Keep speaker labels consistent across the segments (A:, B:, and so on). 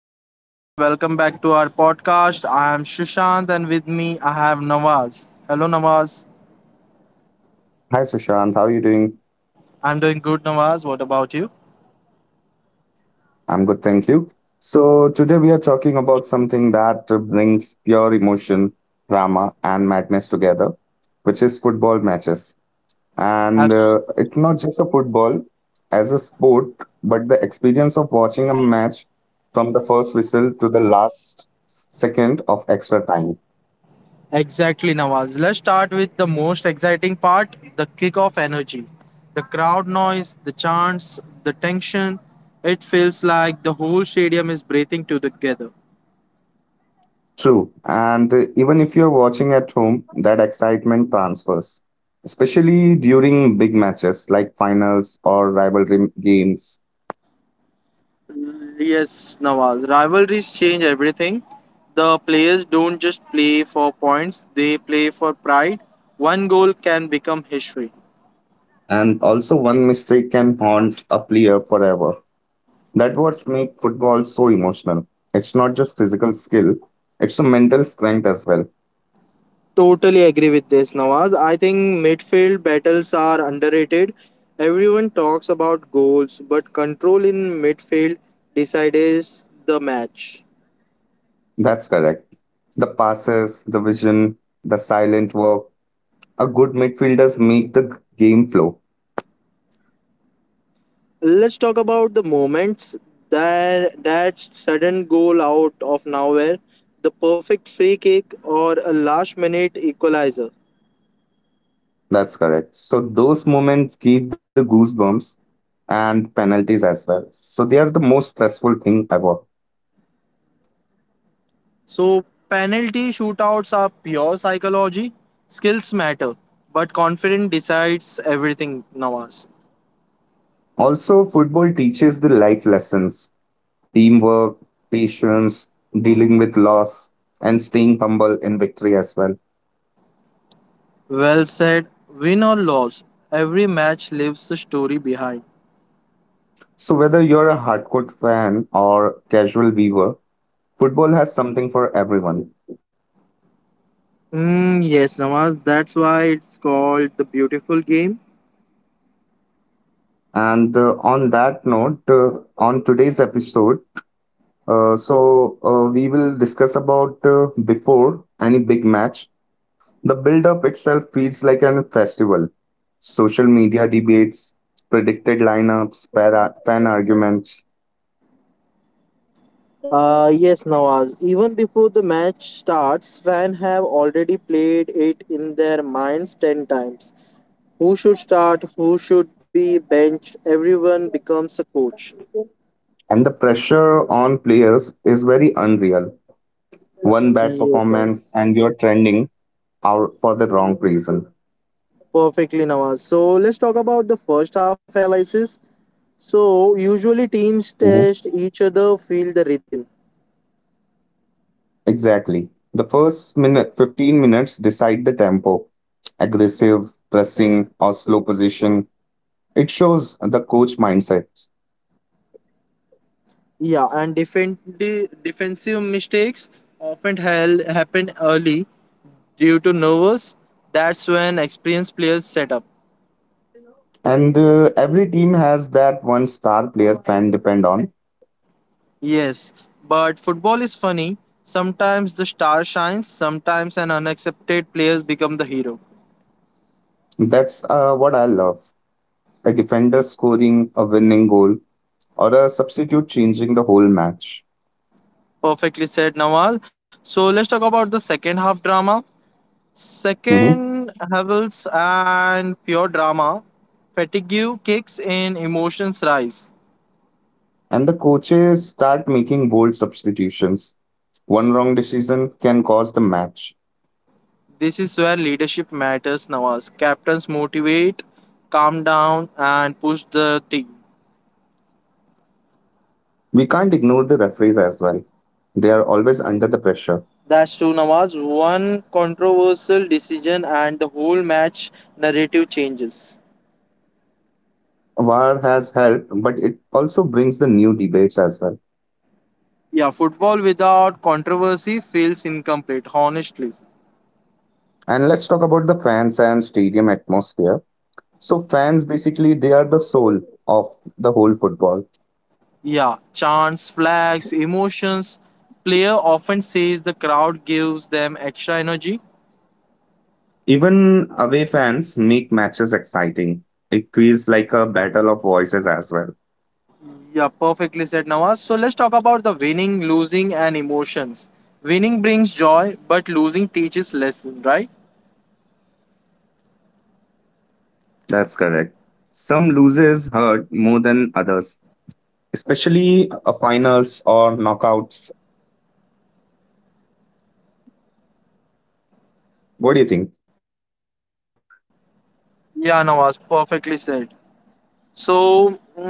A: Hello everyone, welcome back to our podcast. I am Shushant and with me I have Nawaz. Hello Nawaz.
B: Hi Sushant, how are you doing?
A: I'm doing good Nawaz. What about you?
B: I'm good, thank you. So today we are talking about something that brings pure emotion, drama, and madness together, which is football matches. And
A: Abs-
B: it's not just a football as a sport, but the experience of watching a match from the first whistle to the last second of extra time.
A: exactly Nawaz. Let's start with the most exciting part, the kick-off energy. The crowd noise, the chants, the tension. It feels like the whole stadium is breathing together.
B: True. And even if you're watching at home, that excitement transfers, especially during big matches like finals or rivalry games.
A: Yes, Nawaz. Rivalries change everything. The players don't just play for points, they play for pride. One goal can become history.
B: And also, one mistake can haunt a player forever. That what's make football so emotional. It's not just physical skill; it's a mental strength as well.
A: Totally agree with this, Nawaz. I think midfield battles are underrated. Everyone talks about goals, but control in midfield decides the match.
B: That's correct. The passes, the vision, the silent work. A good midfielders make the game flow.
A: Let's talk about the moments that sudden goal out of nowhere, the perfect free kick or a last minute equalizer.
B: That's correct. So those moments give the goosebumps and penalties as well. So they are the most stressful thing ever.
A: So penalty shootouts are pure psychology. Skills matter, but confidence decides everything, Nawaz.
B: Also, football teaches the life lessons, teamwork, patience, dealing with loss, and staying humble in victory as well.
A: Well said. Win or loss, every match leaves a story behind.
B: So whether you're a hardcore fan or casual viewer, football has something for everyone.
A: Yes, Nawaz, that's why it's called the beautiful game.
B: And on that note, on today's episode, we will discuss about before any big match. The build up itself feels like an festival. Social media debates, predicted lineups, fan arguments,
A: Yes, Nawaz. Even before the match starts, fans have already played it in their minds 10 times. Who should start? Who should be benched? Everyone becomes a coach.
B: and the pressure on players is very unreal. One bad
A: Yes,
B: performance
A: Nawaz.
B: and you're trending out for the wrong reason.
A: Perfectly, Nawaz. So let's talk about the first half analysis. So usually teams
B: Mhm.
A: test each other, feel the rhythm.
B: Exactly. The first minute, 15 minutes decide the tempo aggressive, pressing, or slow position. It shows the coach mindset.
A: Yeah, and defensive mistakes often happen early due to nervous. That's when experienced players set up.
B: And every team has that one star player fan depend on.
A: Yes, but football is funny. Sometimes the star shines, sometimes an unaccepted players become the hero.
B: That's what I love. A defender scoring a winning goal or a substitute changing the whole match.
A: Perfectly said, Nawal. So let's talk about the second half drama.
B: Hmm.
A: Second Havels and pure drama. Fatigue kicks in, emotions rise.
B: And the coaches start making bold substitutions. One wrong decision can cause the match.
A: This is where leadership matters, Nawaz. Captains motivate, calm down, and push the team.
B: We can't ignore the referees as well. They are always under the pressure.
A: That's true, Nawaz. One controversial decision and the whole match narrative changes.
B: VAR has helped, but it also brings the new debates as well.
A: Yeah, football without controversy feels incomplete, honestly.
B: And let's talk about the fans and stadium atmosphere. So fans basically they are the soul of the whole football.
A: Yeah, chants, flags, emotions. Player often says the crowd gives them extra energy.
B: Even away fans make matches exciting. It feels like a battle of voices as well.
A: Yeah, perfectly said, Nawaz. So let's talk about the winning, losing, and emotions. Winning brings joy, but losing teaches lesson, right?
B: That's correct. Some loses hurt more than others, especially a finals or knockouts. What do you think?
A: Yeah, Nawaz, perfectly said. So,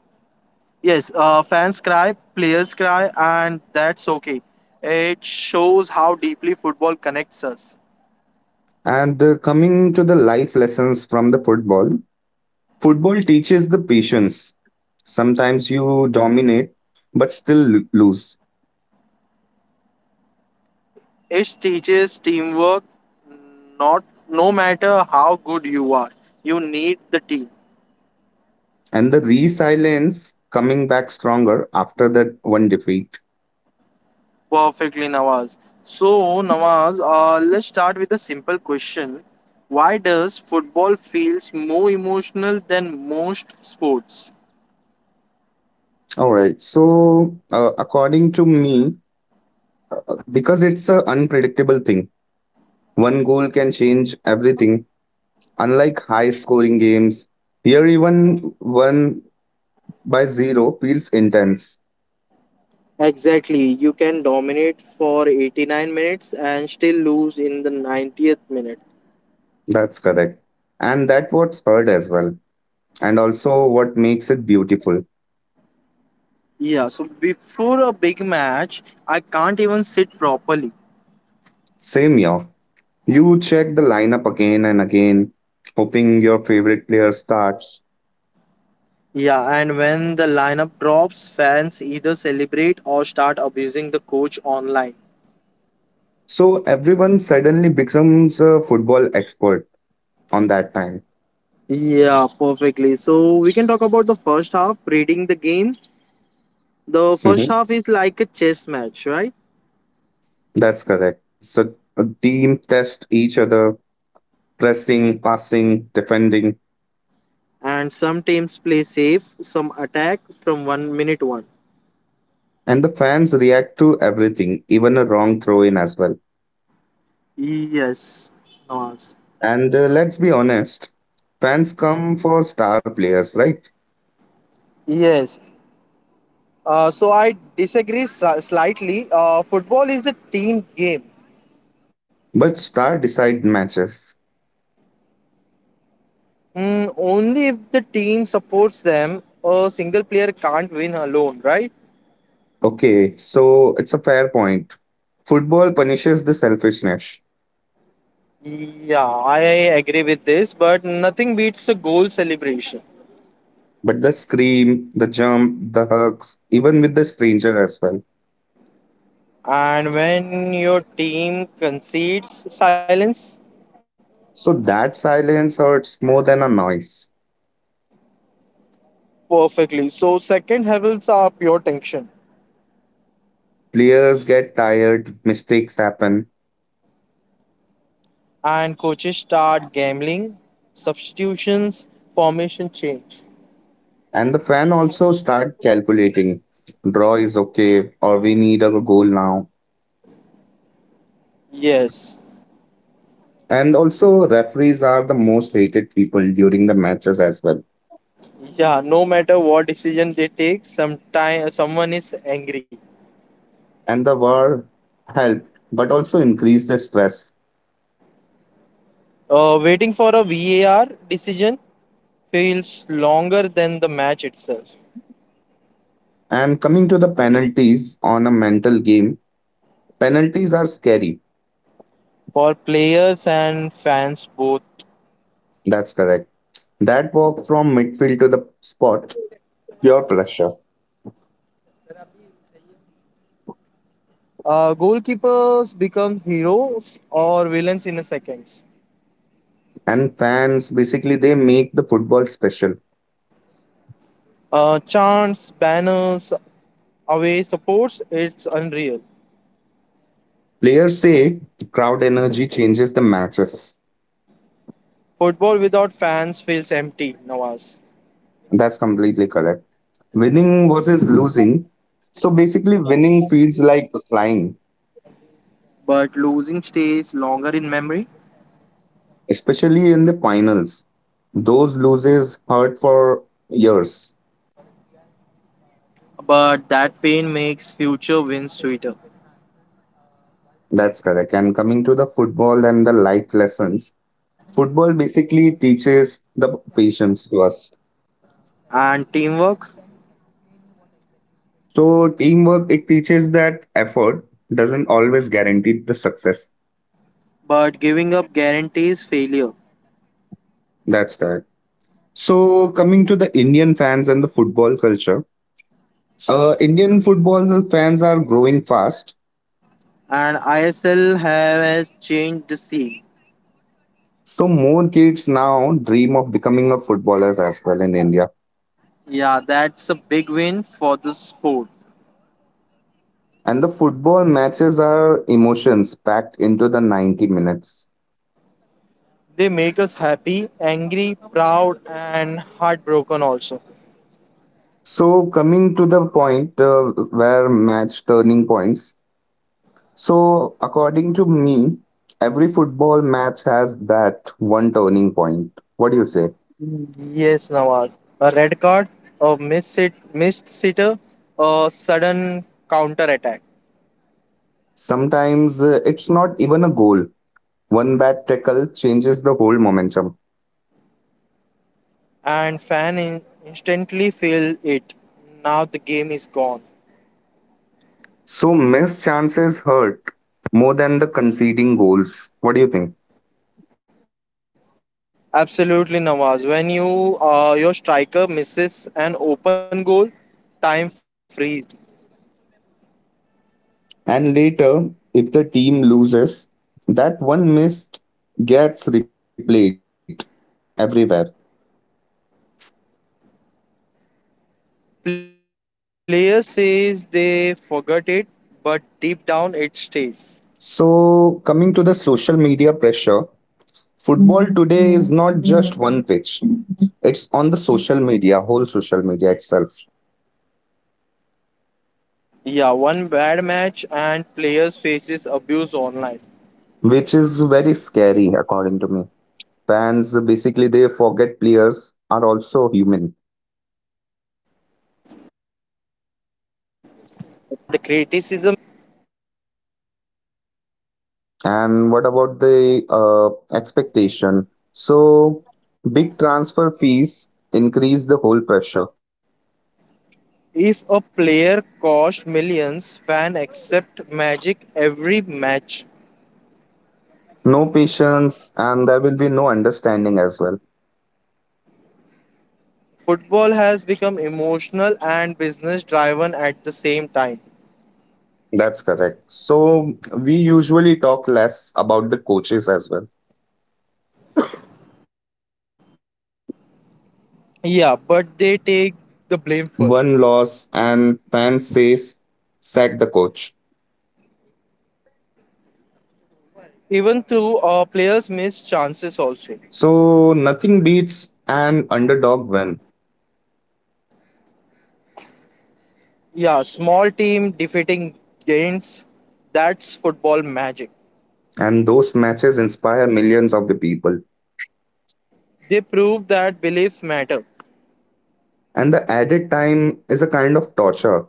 A: yes, fans cry, players cry, and that's okay. It shows how deeply football connects us.
B: And coming to the life lessons from the football, football teaches the patience. Sometimes you dominate, but still lose.
A: It teaches teamwork. Not no matter how good you are, you need the team.
B: And the resilience coming back stronger after that one defeat.
A: Perfectly, Nawaz. So, Nawaz, let's start with a simple question. Why does football feels more emotional than most sports?
B: All right. So, according to me, because it's an unpredictable thing, one goal can change everything. Unlike high scoring games, here even one by zero feels intense.
A: Exactly. You can dominate for 89 minutes and still lose in the 90th minute.
B: That's correct. And that's what's hurt as well. And also what makes it beautiful.
A: Yeah, so before a big match, I can't even sit properly.
B: Same year. You check the lineup again and again, hoping your favorite player starts.
A: Yeah, and when the lineup drops, fans either celebrate or start abusing the coach online.
B: So everyone suddenly becomes a football expert on that time.
A: Yeah, perfectly. So we can talk about the first half, reading the game. The first
B: Mhm.
A: half is like a chess match, right?
B: That's correct. So a team test each other, pressing, passing, defending.
A: And some teams play safe, some attack from one minute one.
B: And the fans react to everything, even a wrong throw in as well.
A: Yes. Nawaz.
B: And let's be honest, fans come for star players, right?
A: Yes. So I disagree slightly. Football is a team game.
B: But star decide matches.
A: Mm, only if the team supports them, a single player can't win alone, right?
B: Okay, so it's a fair point. Football punishes the selfishness,
A: Yeah, I agree with this, but nothing beats a goal celebration.
B: but the scream, the jump, the hugs, even with the stranger as well.
A: And when your team concedes, silence.
B: So that silence hurts more than a noise.
A: Perfectly. So second levels are pure tension,
B: Players get tired, mistakes happen,
A: and coaches start gambling, substitutions, formation change.
B: and the fan also start calculating draw is okay or we need a goal now.
A: Yes.
B: And also referees are the most hated people during the matches as well.
A: Yeah, no matter what decision they take, sometime someone is angry.
B: And the war helped but also increased the stress.
A: Waiting for a VAR decision feels longer than the match itself
B: And coming to the penalties on a mental game, penalties are scary.
A: for players and fans both.
B: That's correct. That walk from midfield to the spot, pure pressure.
A: Goalkeepers become heroes or villains in a seconds.
B: And fans basically they make the football special.
A: Chants, banners, away supports, it's unreal.
B: Players say crowd energy changes the matches.
A: Football without fans feels empty, Nawaz.
B: That's completely correct. Winning versus losing. So basically, winning feels like flying,
A: But losing stays longer in memory,
B: especially in the finals. Those losses hurt for years.
A: but that pain makes future wins sweeter.
B: That's correct. And coming to the football and the life lessons, football basically teaches the patience to us.
A: And teamwork,
B: So teamwork, it teaches that effort doesn't always guarantee the success.
A: but giving up guarantees failure.
B: That's correct. So coming to the Indian fans and the football culture, Indian football fans are growing fast,
A: And ISL has changed the scene.
B: so more kids now dream of becoming a footballers as well in India.
A: Yeah, that's a big win for the sport.
B: And the football matches are emotions packed into the 90 minutes.
A: They make us happy, angry, proud, and heartbroken also.
B: So coming to the point where match turning points. So according to me, every football match has that one turning point. What do you say?
A: Yes, Nawaz. A red card, missed sitter, a sudden counter attack,
B: Sometimes it's not even a goal. One bad tackle changes the whole momentum.
A: and instantly feel it. Now the game is gone.
B: So missed chances hurt more than the conceding goals. What do you think?
A: Absolutely, Nawaz. When your striker misses an open goal, time freeze.
B: And later, if the team loses, that one missed gets replayed everywhere.
A: Player says they forgot it, but deep down it stays.
B: So coming to the social media pressure, football today is not just one pitch. It's on the social media, whole social media itself,
A: Yeah, one bad match and players faces abuse online.
B: which is very scary according to me. Fans basically they forget players are also human.
A: Yeah, and the criticism is fine, hate is not.
B: And what about the expectation? So, big transfer fees increase the whole pressure.
A: If a player cost millions, fan accept magic every match.
B: No patience, and there will be no understanding as well.
A: Football has become emotional and business driven at the same time.
B: That's correct. So, we usually talk less about the coaches as well.
A: Yeah, but they take the blame first.
B: One loss, and fans says, sack the coach.
A: Even though players miss chances also.
B: So, nothing beats an underdog win.
A: Yeah, small team defeating giants, that's football magic.
B: And those matches inspire millions of the people.
A: They prove that beliefs matter.
B: And the added time is a kind of torture.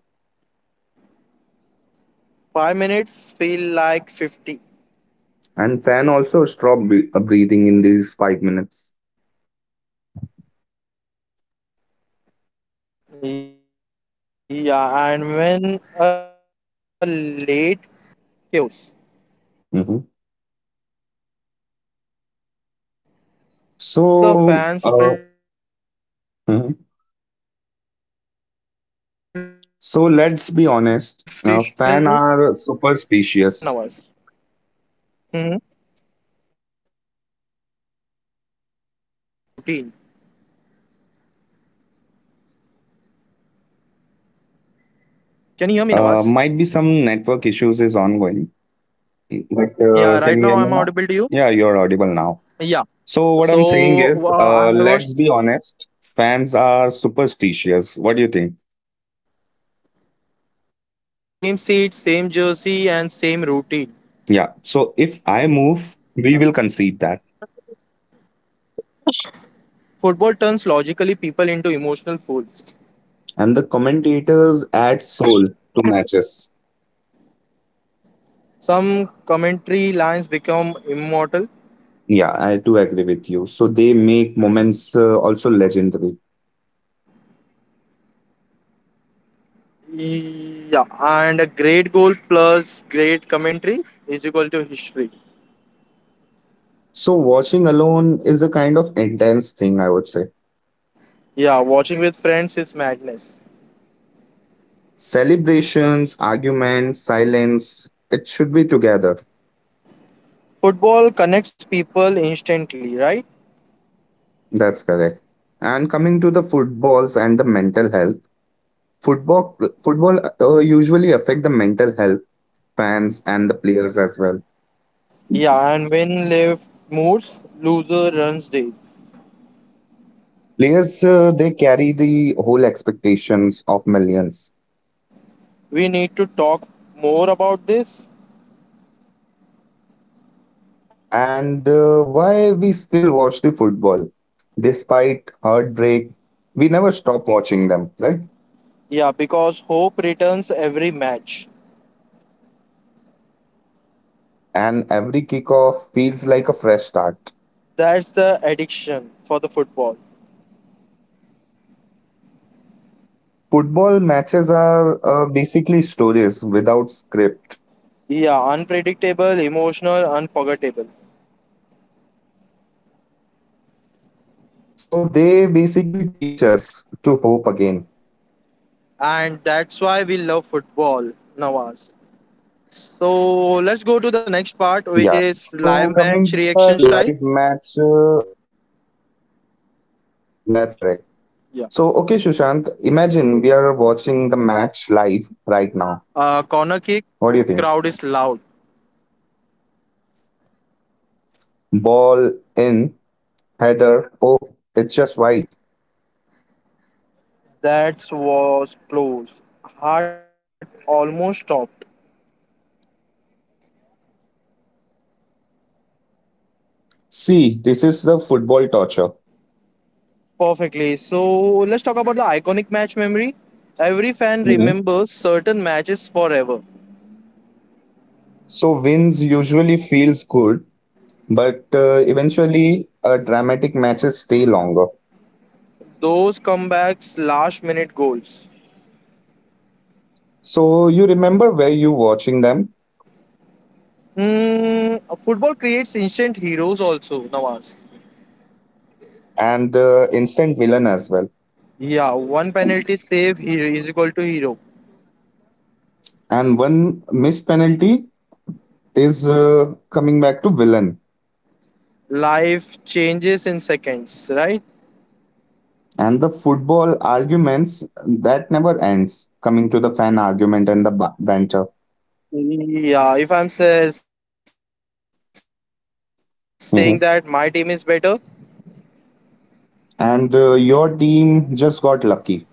A: Five minutes
B: And fan
A: feel
B: also
A: like
B: stop
A: 50.
B: breathing in these 5 minutes.
A: Yeah, and when a late goal comes, pure
B: Hmm.
A: chaos.
B: So, uh,
A: So let's talk
B: hmm
A: about the fan superstitions.
B: so let's be honest. Fan are
A: Yeah,
B: superstitious.
A: Nawaz. Hmm. Same seat, same jersey, same routine.
B: Might
A: Can you
B: be
A: hear me,
B: some
A: Nawaz?
B: network issues is ongoing. But can you hear me now? Yeah,
A: Yeah,
B: you're
A: right now I'm
B: audible
A: audible
B: now.
A: to you.
B: So what I'm saying
A: Yeah.
B: is, let's be
A: So
B: honest.
A: uh, I was,
B: Fans are superstitious. What do you think?
A: yeah, same seat, same jersey, and same routine.
B: Yeah. So if I move, we will concede that.
A: Football turns logically people into emotional fools.
B: And the commentators add soul to matches.
A: Some commentary lines become immortal.
B: Yeah, I do agree with you. So they make moments also legendary.
A: Yeah, and a great goal plus great commentary is equal to history.
B: So watching alone is a kind of intense thing, I would say.
A: Yeah, watching with friends is madness.
B: Celebrations, arguments, silence, it should be together.
A: Football connects people instantly, right?
B: That's correct. And coming to the footballs and the mental health, football football usually affect the mental health fans and the players as well.
A: Yeah, and when Lev moves, loser runs days.
B: Players they carry the whole expectations of millions.
A: We need to talk more about this.
B: And why we still watch the football? Despite heartbreak, we never stop watching them, right?
A: Yeah, because hope returns every match.
B: And every kickoff feels like a fresh start.
A: That's the addiction for the football.
B: Football matches are basically stories without script.
A: Yeah, unpredictable, emotional, unforgettable.
B: So they basically teach us to hope again.
A: And that's why we love football, Nawaz. So let's go to the next part, which
B: Yeah.
A: is live
B: So
A: match
B: coming to
A: reaction
B: the
A: style.
B: live match, that's correct.
A: Yeah.
B: So, okay, Sushant, imagine we are watching the match live right now.
A: Corner kick,
B: What do you
A: crowd
B: think?
A: is loud.
B: Ball in, header. Oh, it's just wide.
A: That was close. Heart almost stopped.
B: See, this is the football torture.
A: Perfectly. So let's talk about the iconic match memory. Every fan
B: Mhm.
A: remembers certain matches forever.
B: So wins usually feels good, but eventually dramatic matches stay longer.
A: Those comebacks, last minute goals.
B: So you remember where you watching them
A: Hmm. Football creates instant heroes also, Nawaz.
B: and the instant villain as well.
A: Yeah, one penalty save hero is equal to hero.
B: And one missed penalty is coming back to villain.
A: Life changes in seconds, right?
B: And the football arguments that never ends. Coming to the fan argument and the banter.
A: Yeah, if I'm saying that my team is better,
B: Mhm. And your team just got lucky.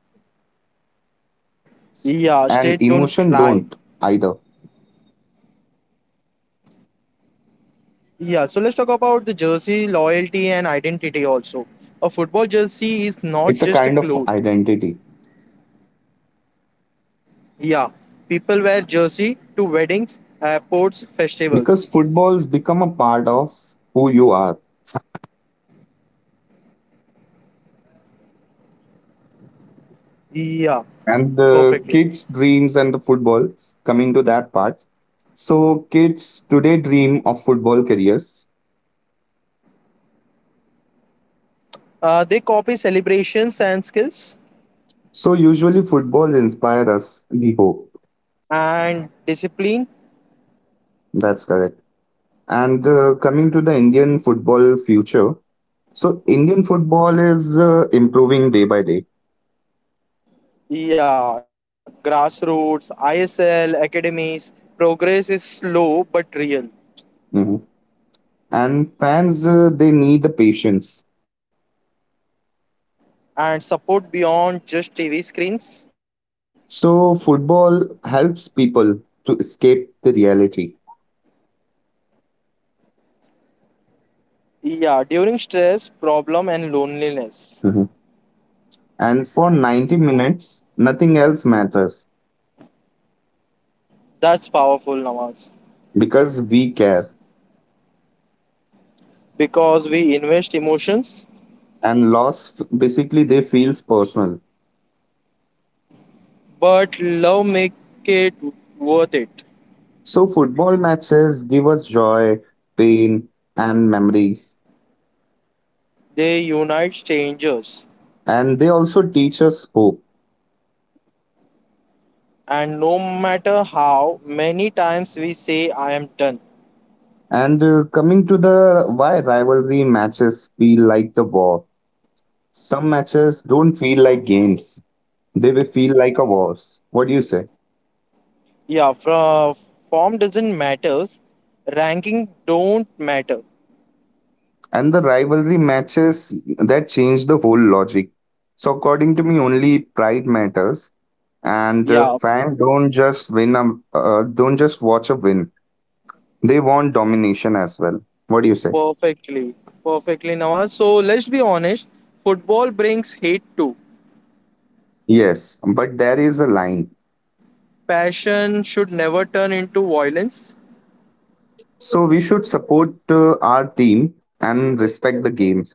A: yeah, state don't lie.
B: And emotion don't either.
A: Yeah, so let's talk about the jersey loyalty and identity also. A football jersey is not just a cloth.
B: It's a kind of identity
A: Yeah, people wear jersey to weddings, airports, festivals.
B: because football's become a part of who you are,
A: Yeah,
B: and
A: perfectly.
B: the kids' dreams and the football coming to that part. So kids today dream of football careers.
A: They copy celebrations and skills
B: So usually football inspire us the hope.
A: and discipline.
B: That's correct. And coming to the Indian football future, so Indian football is improving day by day.
A: Yeah, grassroots, ISL, academies. Progress is slow but real.
B: Mhm. And fans they need the patience.
A: And support beyond just TV screens.
B: So football helps people to escape the reality.
A: Yeah, during stress, problem, and loneliness.
B: Hmm. And for 90 minutes, nothing else matters
A: That's powerful, Nawaz.
B: because we care.
A: Because we invest emotions,
B: And loss basically they feels personal.
A: but love make it worth it.
B: So football matches give us joy, pain, and memories.
A: They unite strangers.
B: And they also teach us hope.
A: And no matter how many times we say I am done.
B: And coming to the why rivalry matches feel like the war. Some matches don't feel like games. They will feel like a wars. What do you say?
A: Yeah, from form doesn't matters. Ranking don't matter.
B: And the rivalry matches that changed the whole logic. So, according to me, only pride matters, and
A: Yeah,
B: fan don't just watch a win. They want domination as well. What do you say?
A: perfectly. Perfectly, Nawaz. So let's be honest, football brings hate too.
B: Yes, but there is a line.
A: Passion should never turn into violence.
B: So we should support our team and respect the game.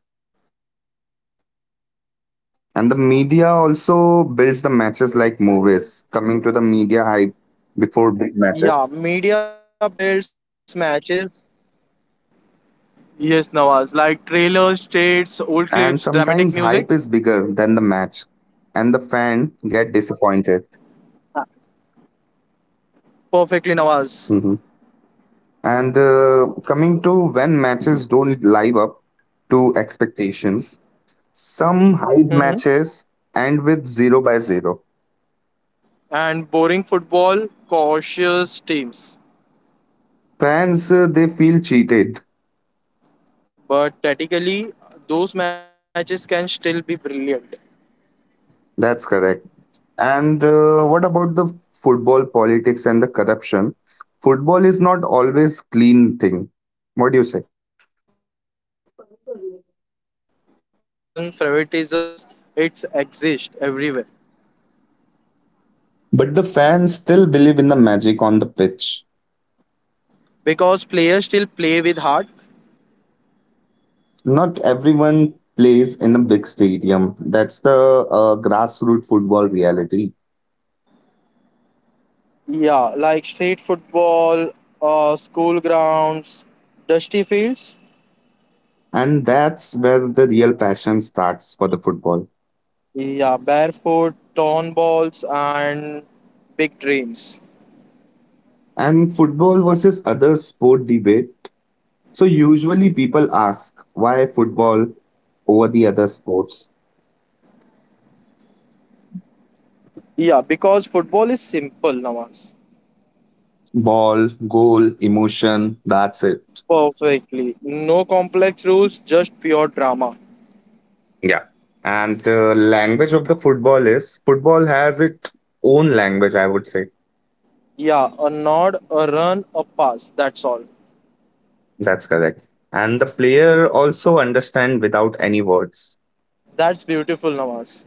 A: Yeah, media
B: And the
A: builds
B: media
A: matches.
B: also builds the
A: Yeah.
B: matches like movies. Coming to the media hype
A: Mhm.
B: before big matches.
A: Yes, Nawaz. Like trailers, states, old clips, dramatic music.
B: And sometimes hype is bigger than the match, and the fan
A: Ah,
B: get disappointed.
A: Perfectly, Nawaz.
B: Hmm. And coming to when matches don't live up to expectations, some
A: Hmm.
B: hype matches end with zero by zero.
A: And boring football, cautious teams.
B: Fans they feel cheated.
A: But tactically, those matches can still be brilliant.
B: That's correct. And what about the football politics and the corruption? Football is not always clean thing. What do you say?
A: Yeah, but there is politics, corruption, favoritisms. It's exist everywhere
B: But the fans still believe in the magic on the pitch.
A: because players still play with heart.
B: Not everyone plays in a big stadium. That's the grassroots football reality.
A: Yeah, like street football, school grounds, dusty fields,
B: And that's where the real passion starts for the football.
A: yeah, barefoot, torn balls, and big dreams.
B: And football versus other sport debate. So usually people ask why football over the other sports.
A: Yeah, because football is simple, Nawaz.
B: Ball, goal, emotion, that's it.
A: Perfectly. No complex rules, just pure drama.
B: Yeah. And the language of the football is football has its own language, I would say.
A: Yeah, a nod, a run, a pass. That's all.
B: That's correct. And the player also understand without any words.
A: That's beautiful, Nawaz.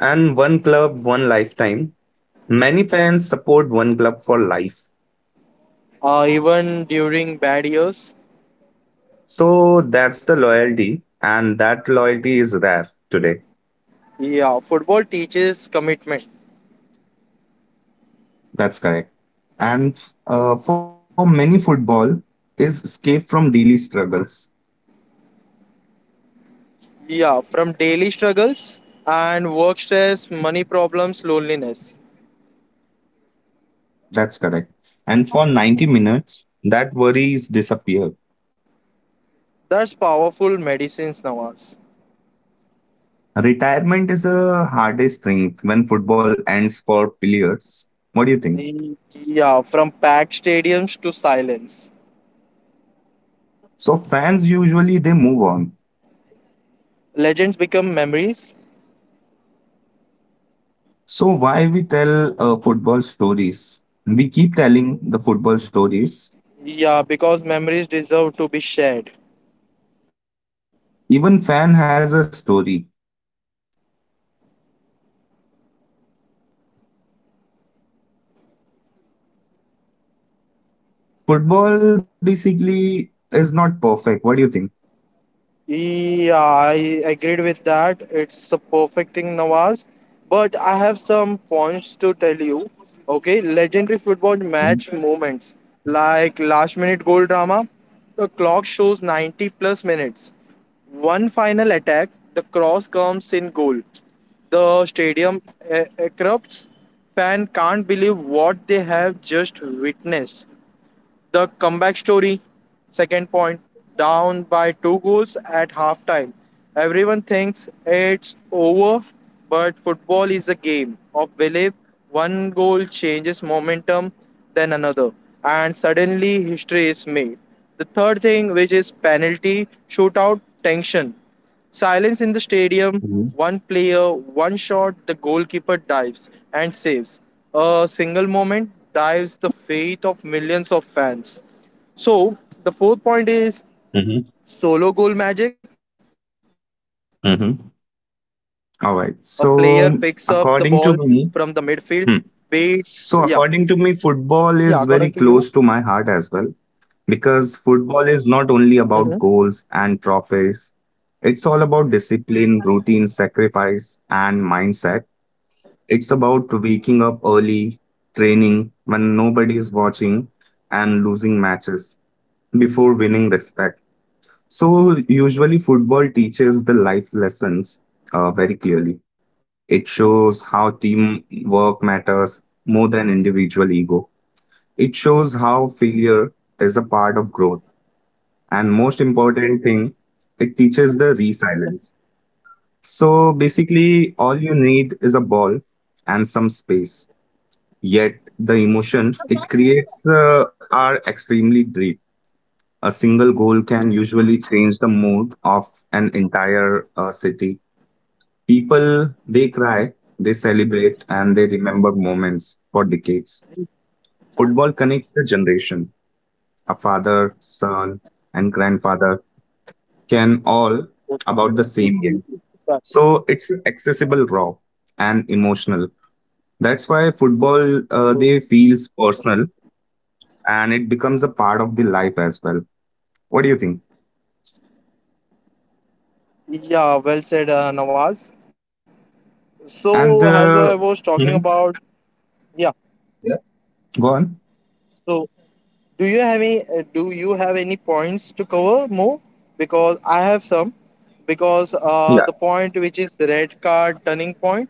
B: And one club, one lifetime. Many fans support one club for life.
A: Even during bad years,
B: So that's the loyalty, and that loyalty is rare today.
A: yeah, football teaches commitment.
B: That's correct. And For many, football is escape from daily struggles.
A: Yeah, from daily struggles and work stress, money problems, loneliness.
B: That's correct. And for 90 minutes, that worries disappear.
A: That's powerful medicines, Nawaz.
B: Retirement is a hardest thing when football ends for players. What do you think?
A: Yeah, from packed stadiums to silence.
B: So fans usually they move on.
A: Legends become memories.
B: So why we tell football stories? We keep telling the football stories.
A: Yeah, because memories deserve to be shared.
B: Even fan has a story. Football basically is not perfect. What do you think?
A: Yeah, I agreed with that. It's a perfecting Nawaz. But I have some points to tell you. Okay, legendary football
B: Mm-hmm.
A: match moments like last minute goal drama. The clock shows 90 plus minutes. One final attack, the cross comes in goal. The stadium erupts. Fan can't believe what they have just witnessed. The comeback story, second point, down by two goals at halftime. Everyone thinks it's over, but football is a game of belief. One goal changes momentum, then another, and suddenly history is made. The third thing, which is penalty shootout tension. Silence in the stadium, one player, one shot, the goalkeeper dives and saves. A single moment dives the fate of millions of fans. So, the fourth point is
B: Mm-hmm.
A: solo goal magic. A player picks up the
B: Mm-hmm.
A: ball from the
B: All
A: midfield,
B: right. So
A: waits. Yeah.
B: according to me,
A: Yeah,
B: hmm.
A: according to you.
B: so according to me, football is very close to my heart as well.
A: Mhm.
B: Because football is not only about goals and trophies, it's all about discipline, routine, sacrifice, and mindset. It's about waking up early, training when nobody is watching, and losing matches before winning respect. So, usually, football teaches the life lessons very clearly. It shows how teamwork matters more than individual ego. It shows how failure is a part of growth and most important thing, it teaches the resilience. So basically, all you need is a ball and some space. Yet the emotion it creates are extremely deep. A single goal can usually change the mood of an entire city. People they cry, they celebrate, and they remember moments for decades. Football connects the generation, a father, son, and grandfather can all about the same game. So it's accessible, raw, and emotional. That's why football they feels personal, and it becomes a part of the life as well. What do you think?
A: Yeah, well said, Nawaz.
B: And
A: So, as I was talking
B: Mhm.
A: about, yeah.
B: Yeah, go on.
A: So, do you have any do you have any points to cover more? Because I have some. Because
B: Yeah.
A: the point which is the red card turning point,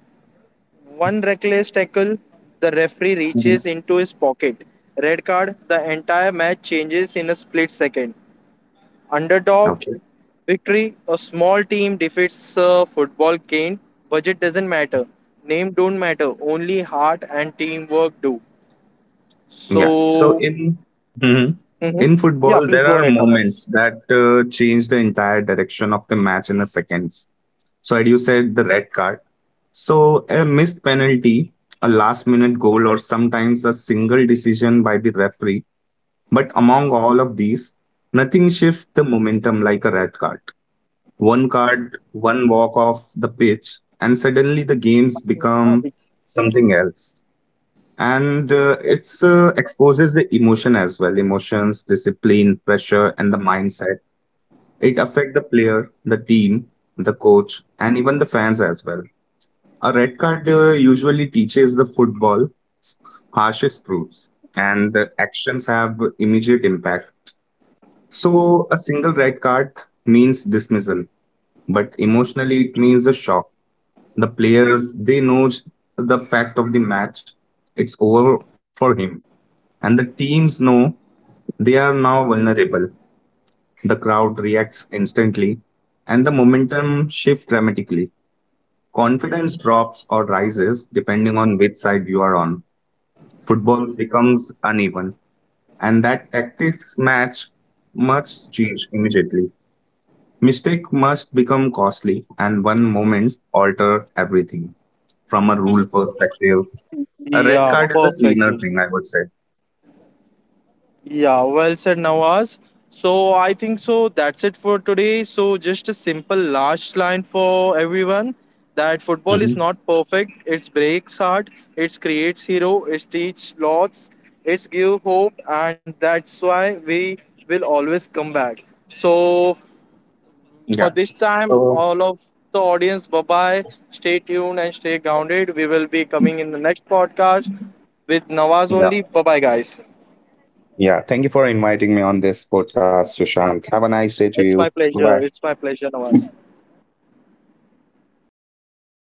A: one reckless tackle, the referee
B: Mhm.
A: reaches into his pocket. Red card, the entire match changes in a split second. Underdog,
B: Okay.
A: victory, a small team defeats a football game. Budget doesn't matter. Name don't matter. Only heart and teamwork do.
B: Yeah. So
A: So,
B: in Mhm.
A: hmm.
B: in
A: Yeah,
B: football, there
A: please go
B: are
A: ahead,
B: moments
A: Nawaz.
B: that change the entire direction of the match in a seconds. So, as you said, the red card. So, a missed penalty, a last minute goal, or sometimes a single decision by the referee. But among all of these, nothing shifts the momentum like a red card. One card, one walk off the pitch, and suddenly the games become something else. And it's exposes the emotion as well emotions, discipline, pressure, and the mindset. It affects the player, the team, the coach, and even the fans as well. A red card usually teaches the football harshest rules, and the actions have immediate impact. So, a single red card means dismissal, but emotionally it means a shock. The players they know the fact of the match; it's over for him, and the teams know they are now vulnerable. The crowd reacts instantly, and the momentum shifts dramatically. Confidence drops or rises depending on which side you are on. Football becomes uneven, and that tactics match must change immediately. Mistake must become costly, and one moment alter everything. From a rule perspective, a red
A: Yeah,
B: card is a cleaner
A: perfectly.
B: thing, I would say.
A: Yeah, well said, Nawaz. So I think so. That's it for today. So just a simple last line for everyone that football is
B: Mhm.
A: not perfect. It breaks heart. It creates hero. It teaches lots. It give hope, and that's why we will always come back. So for
B: Yeah.
A: this time,
B: So,
A: all of the audience, bye bye. Stay tuned and stay grounded. We will be coming in the next podcast with Nawaz
B: yeah.
A: only. Bye bye, guys.
B: Yeah. Thank you for inviting me on this podcast, Sushant. Have a nice
A: It's
B: day
A: my
B: to you.
A: pleasure.
B: Bye. Bye
A: It's my pleasure, Nawaz.
B: bye. Bye.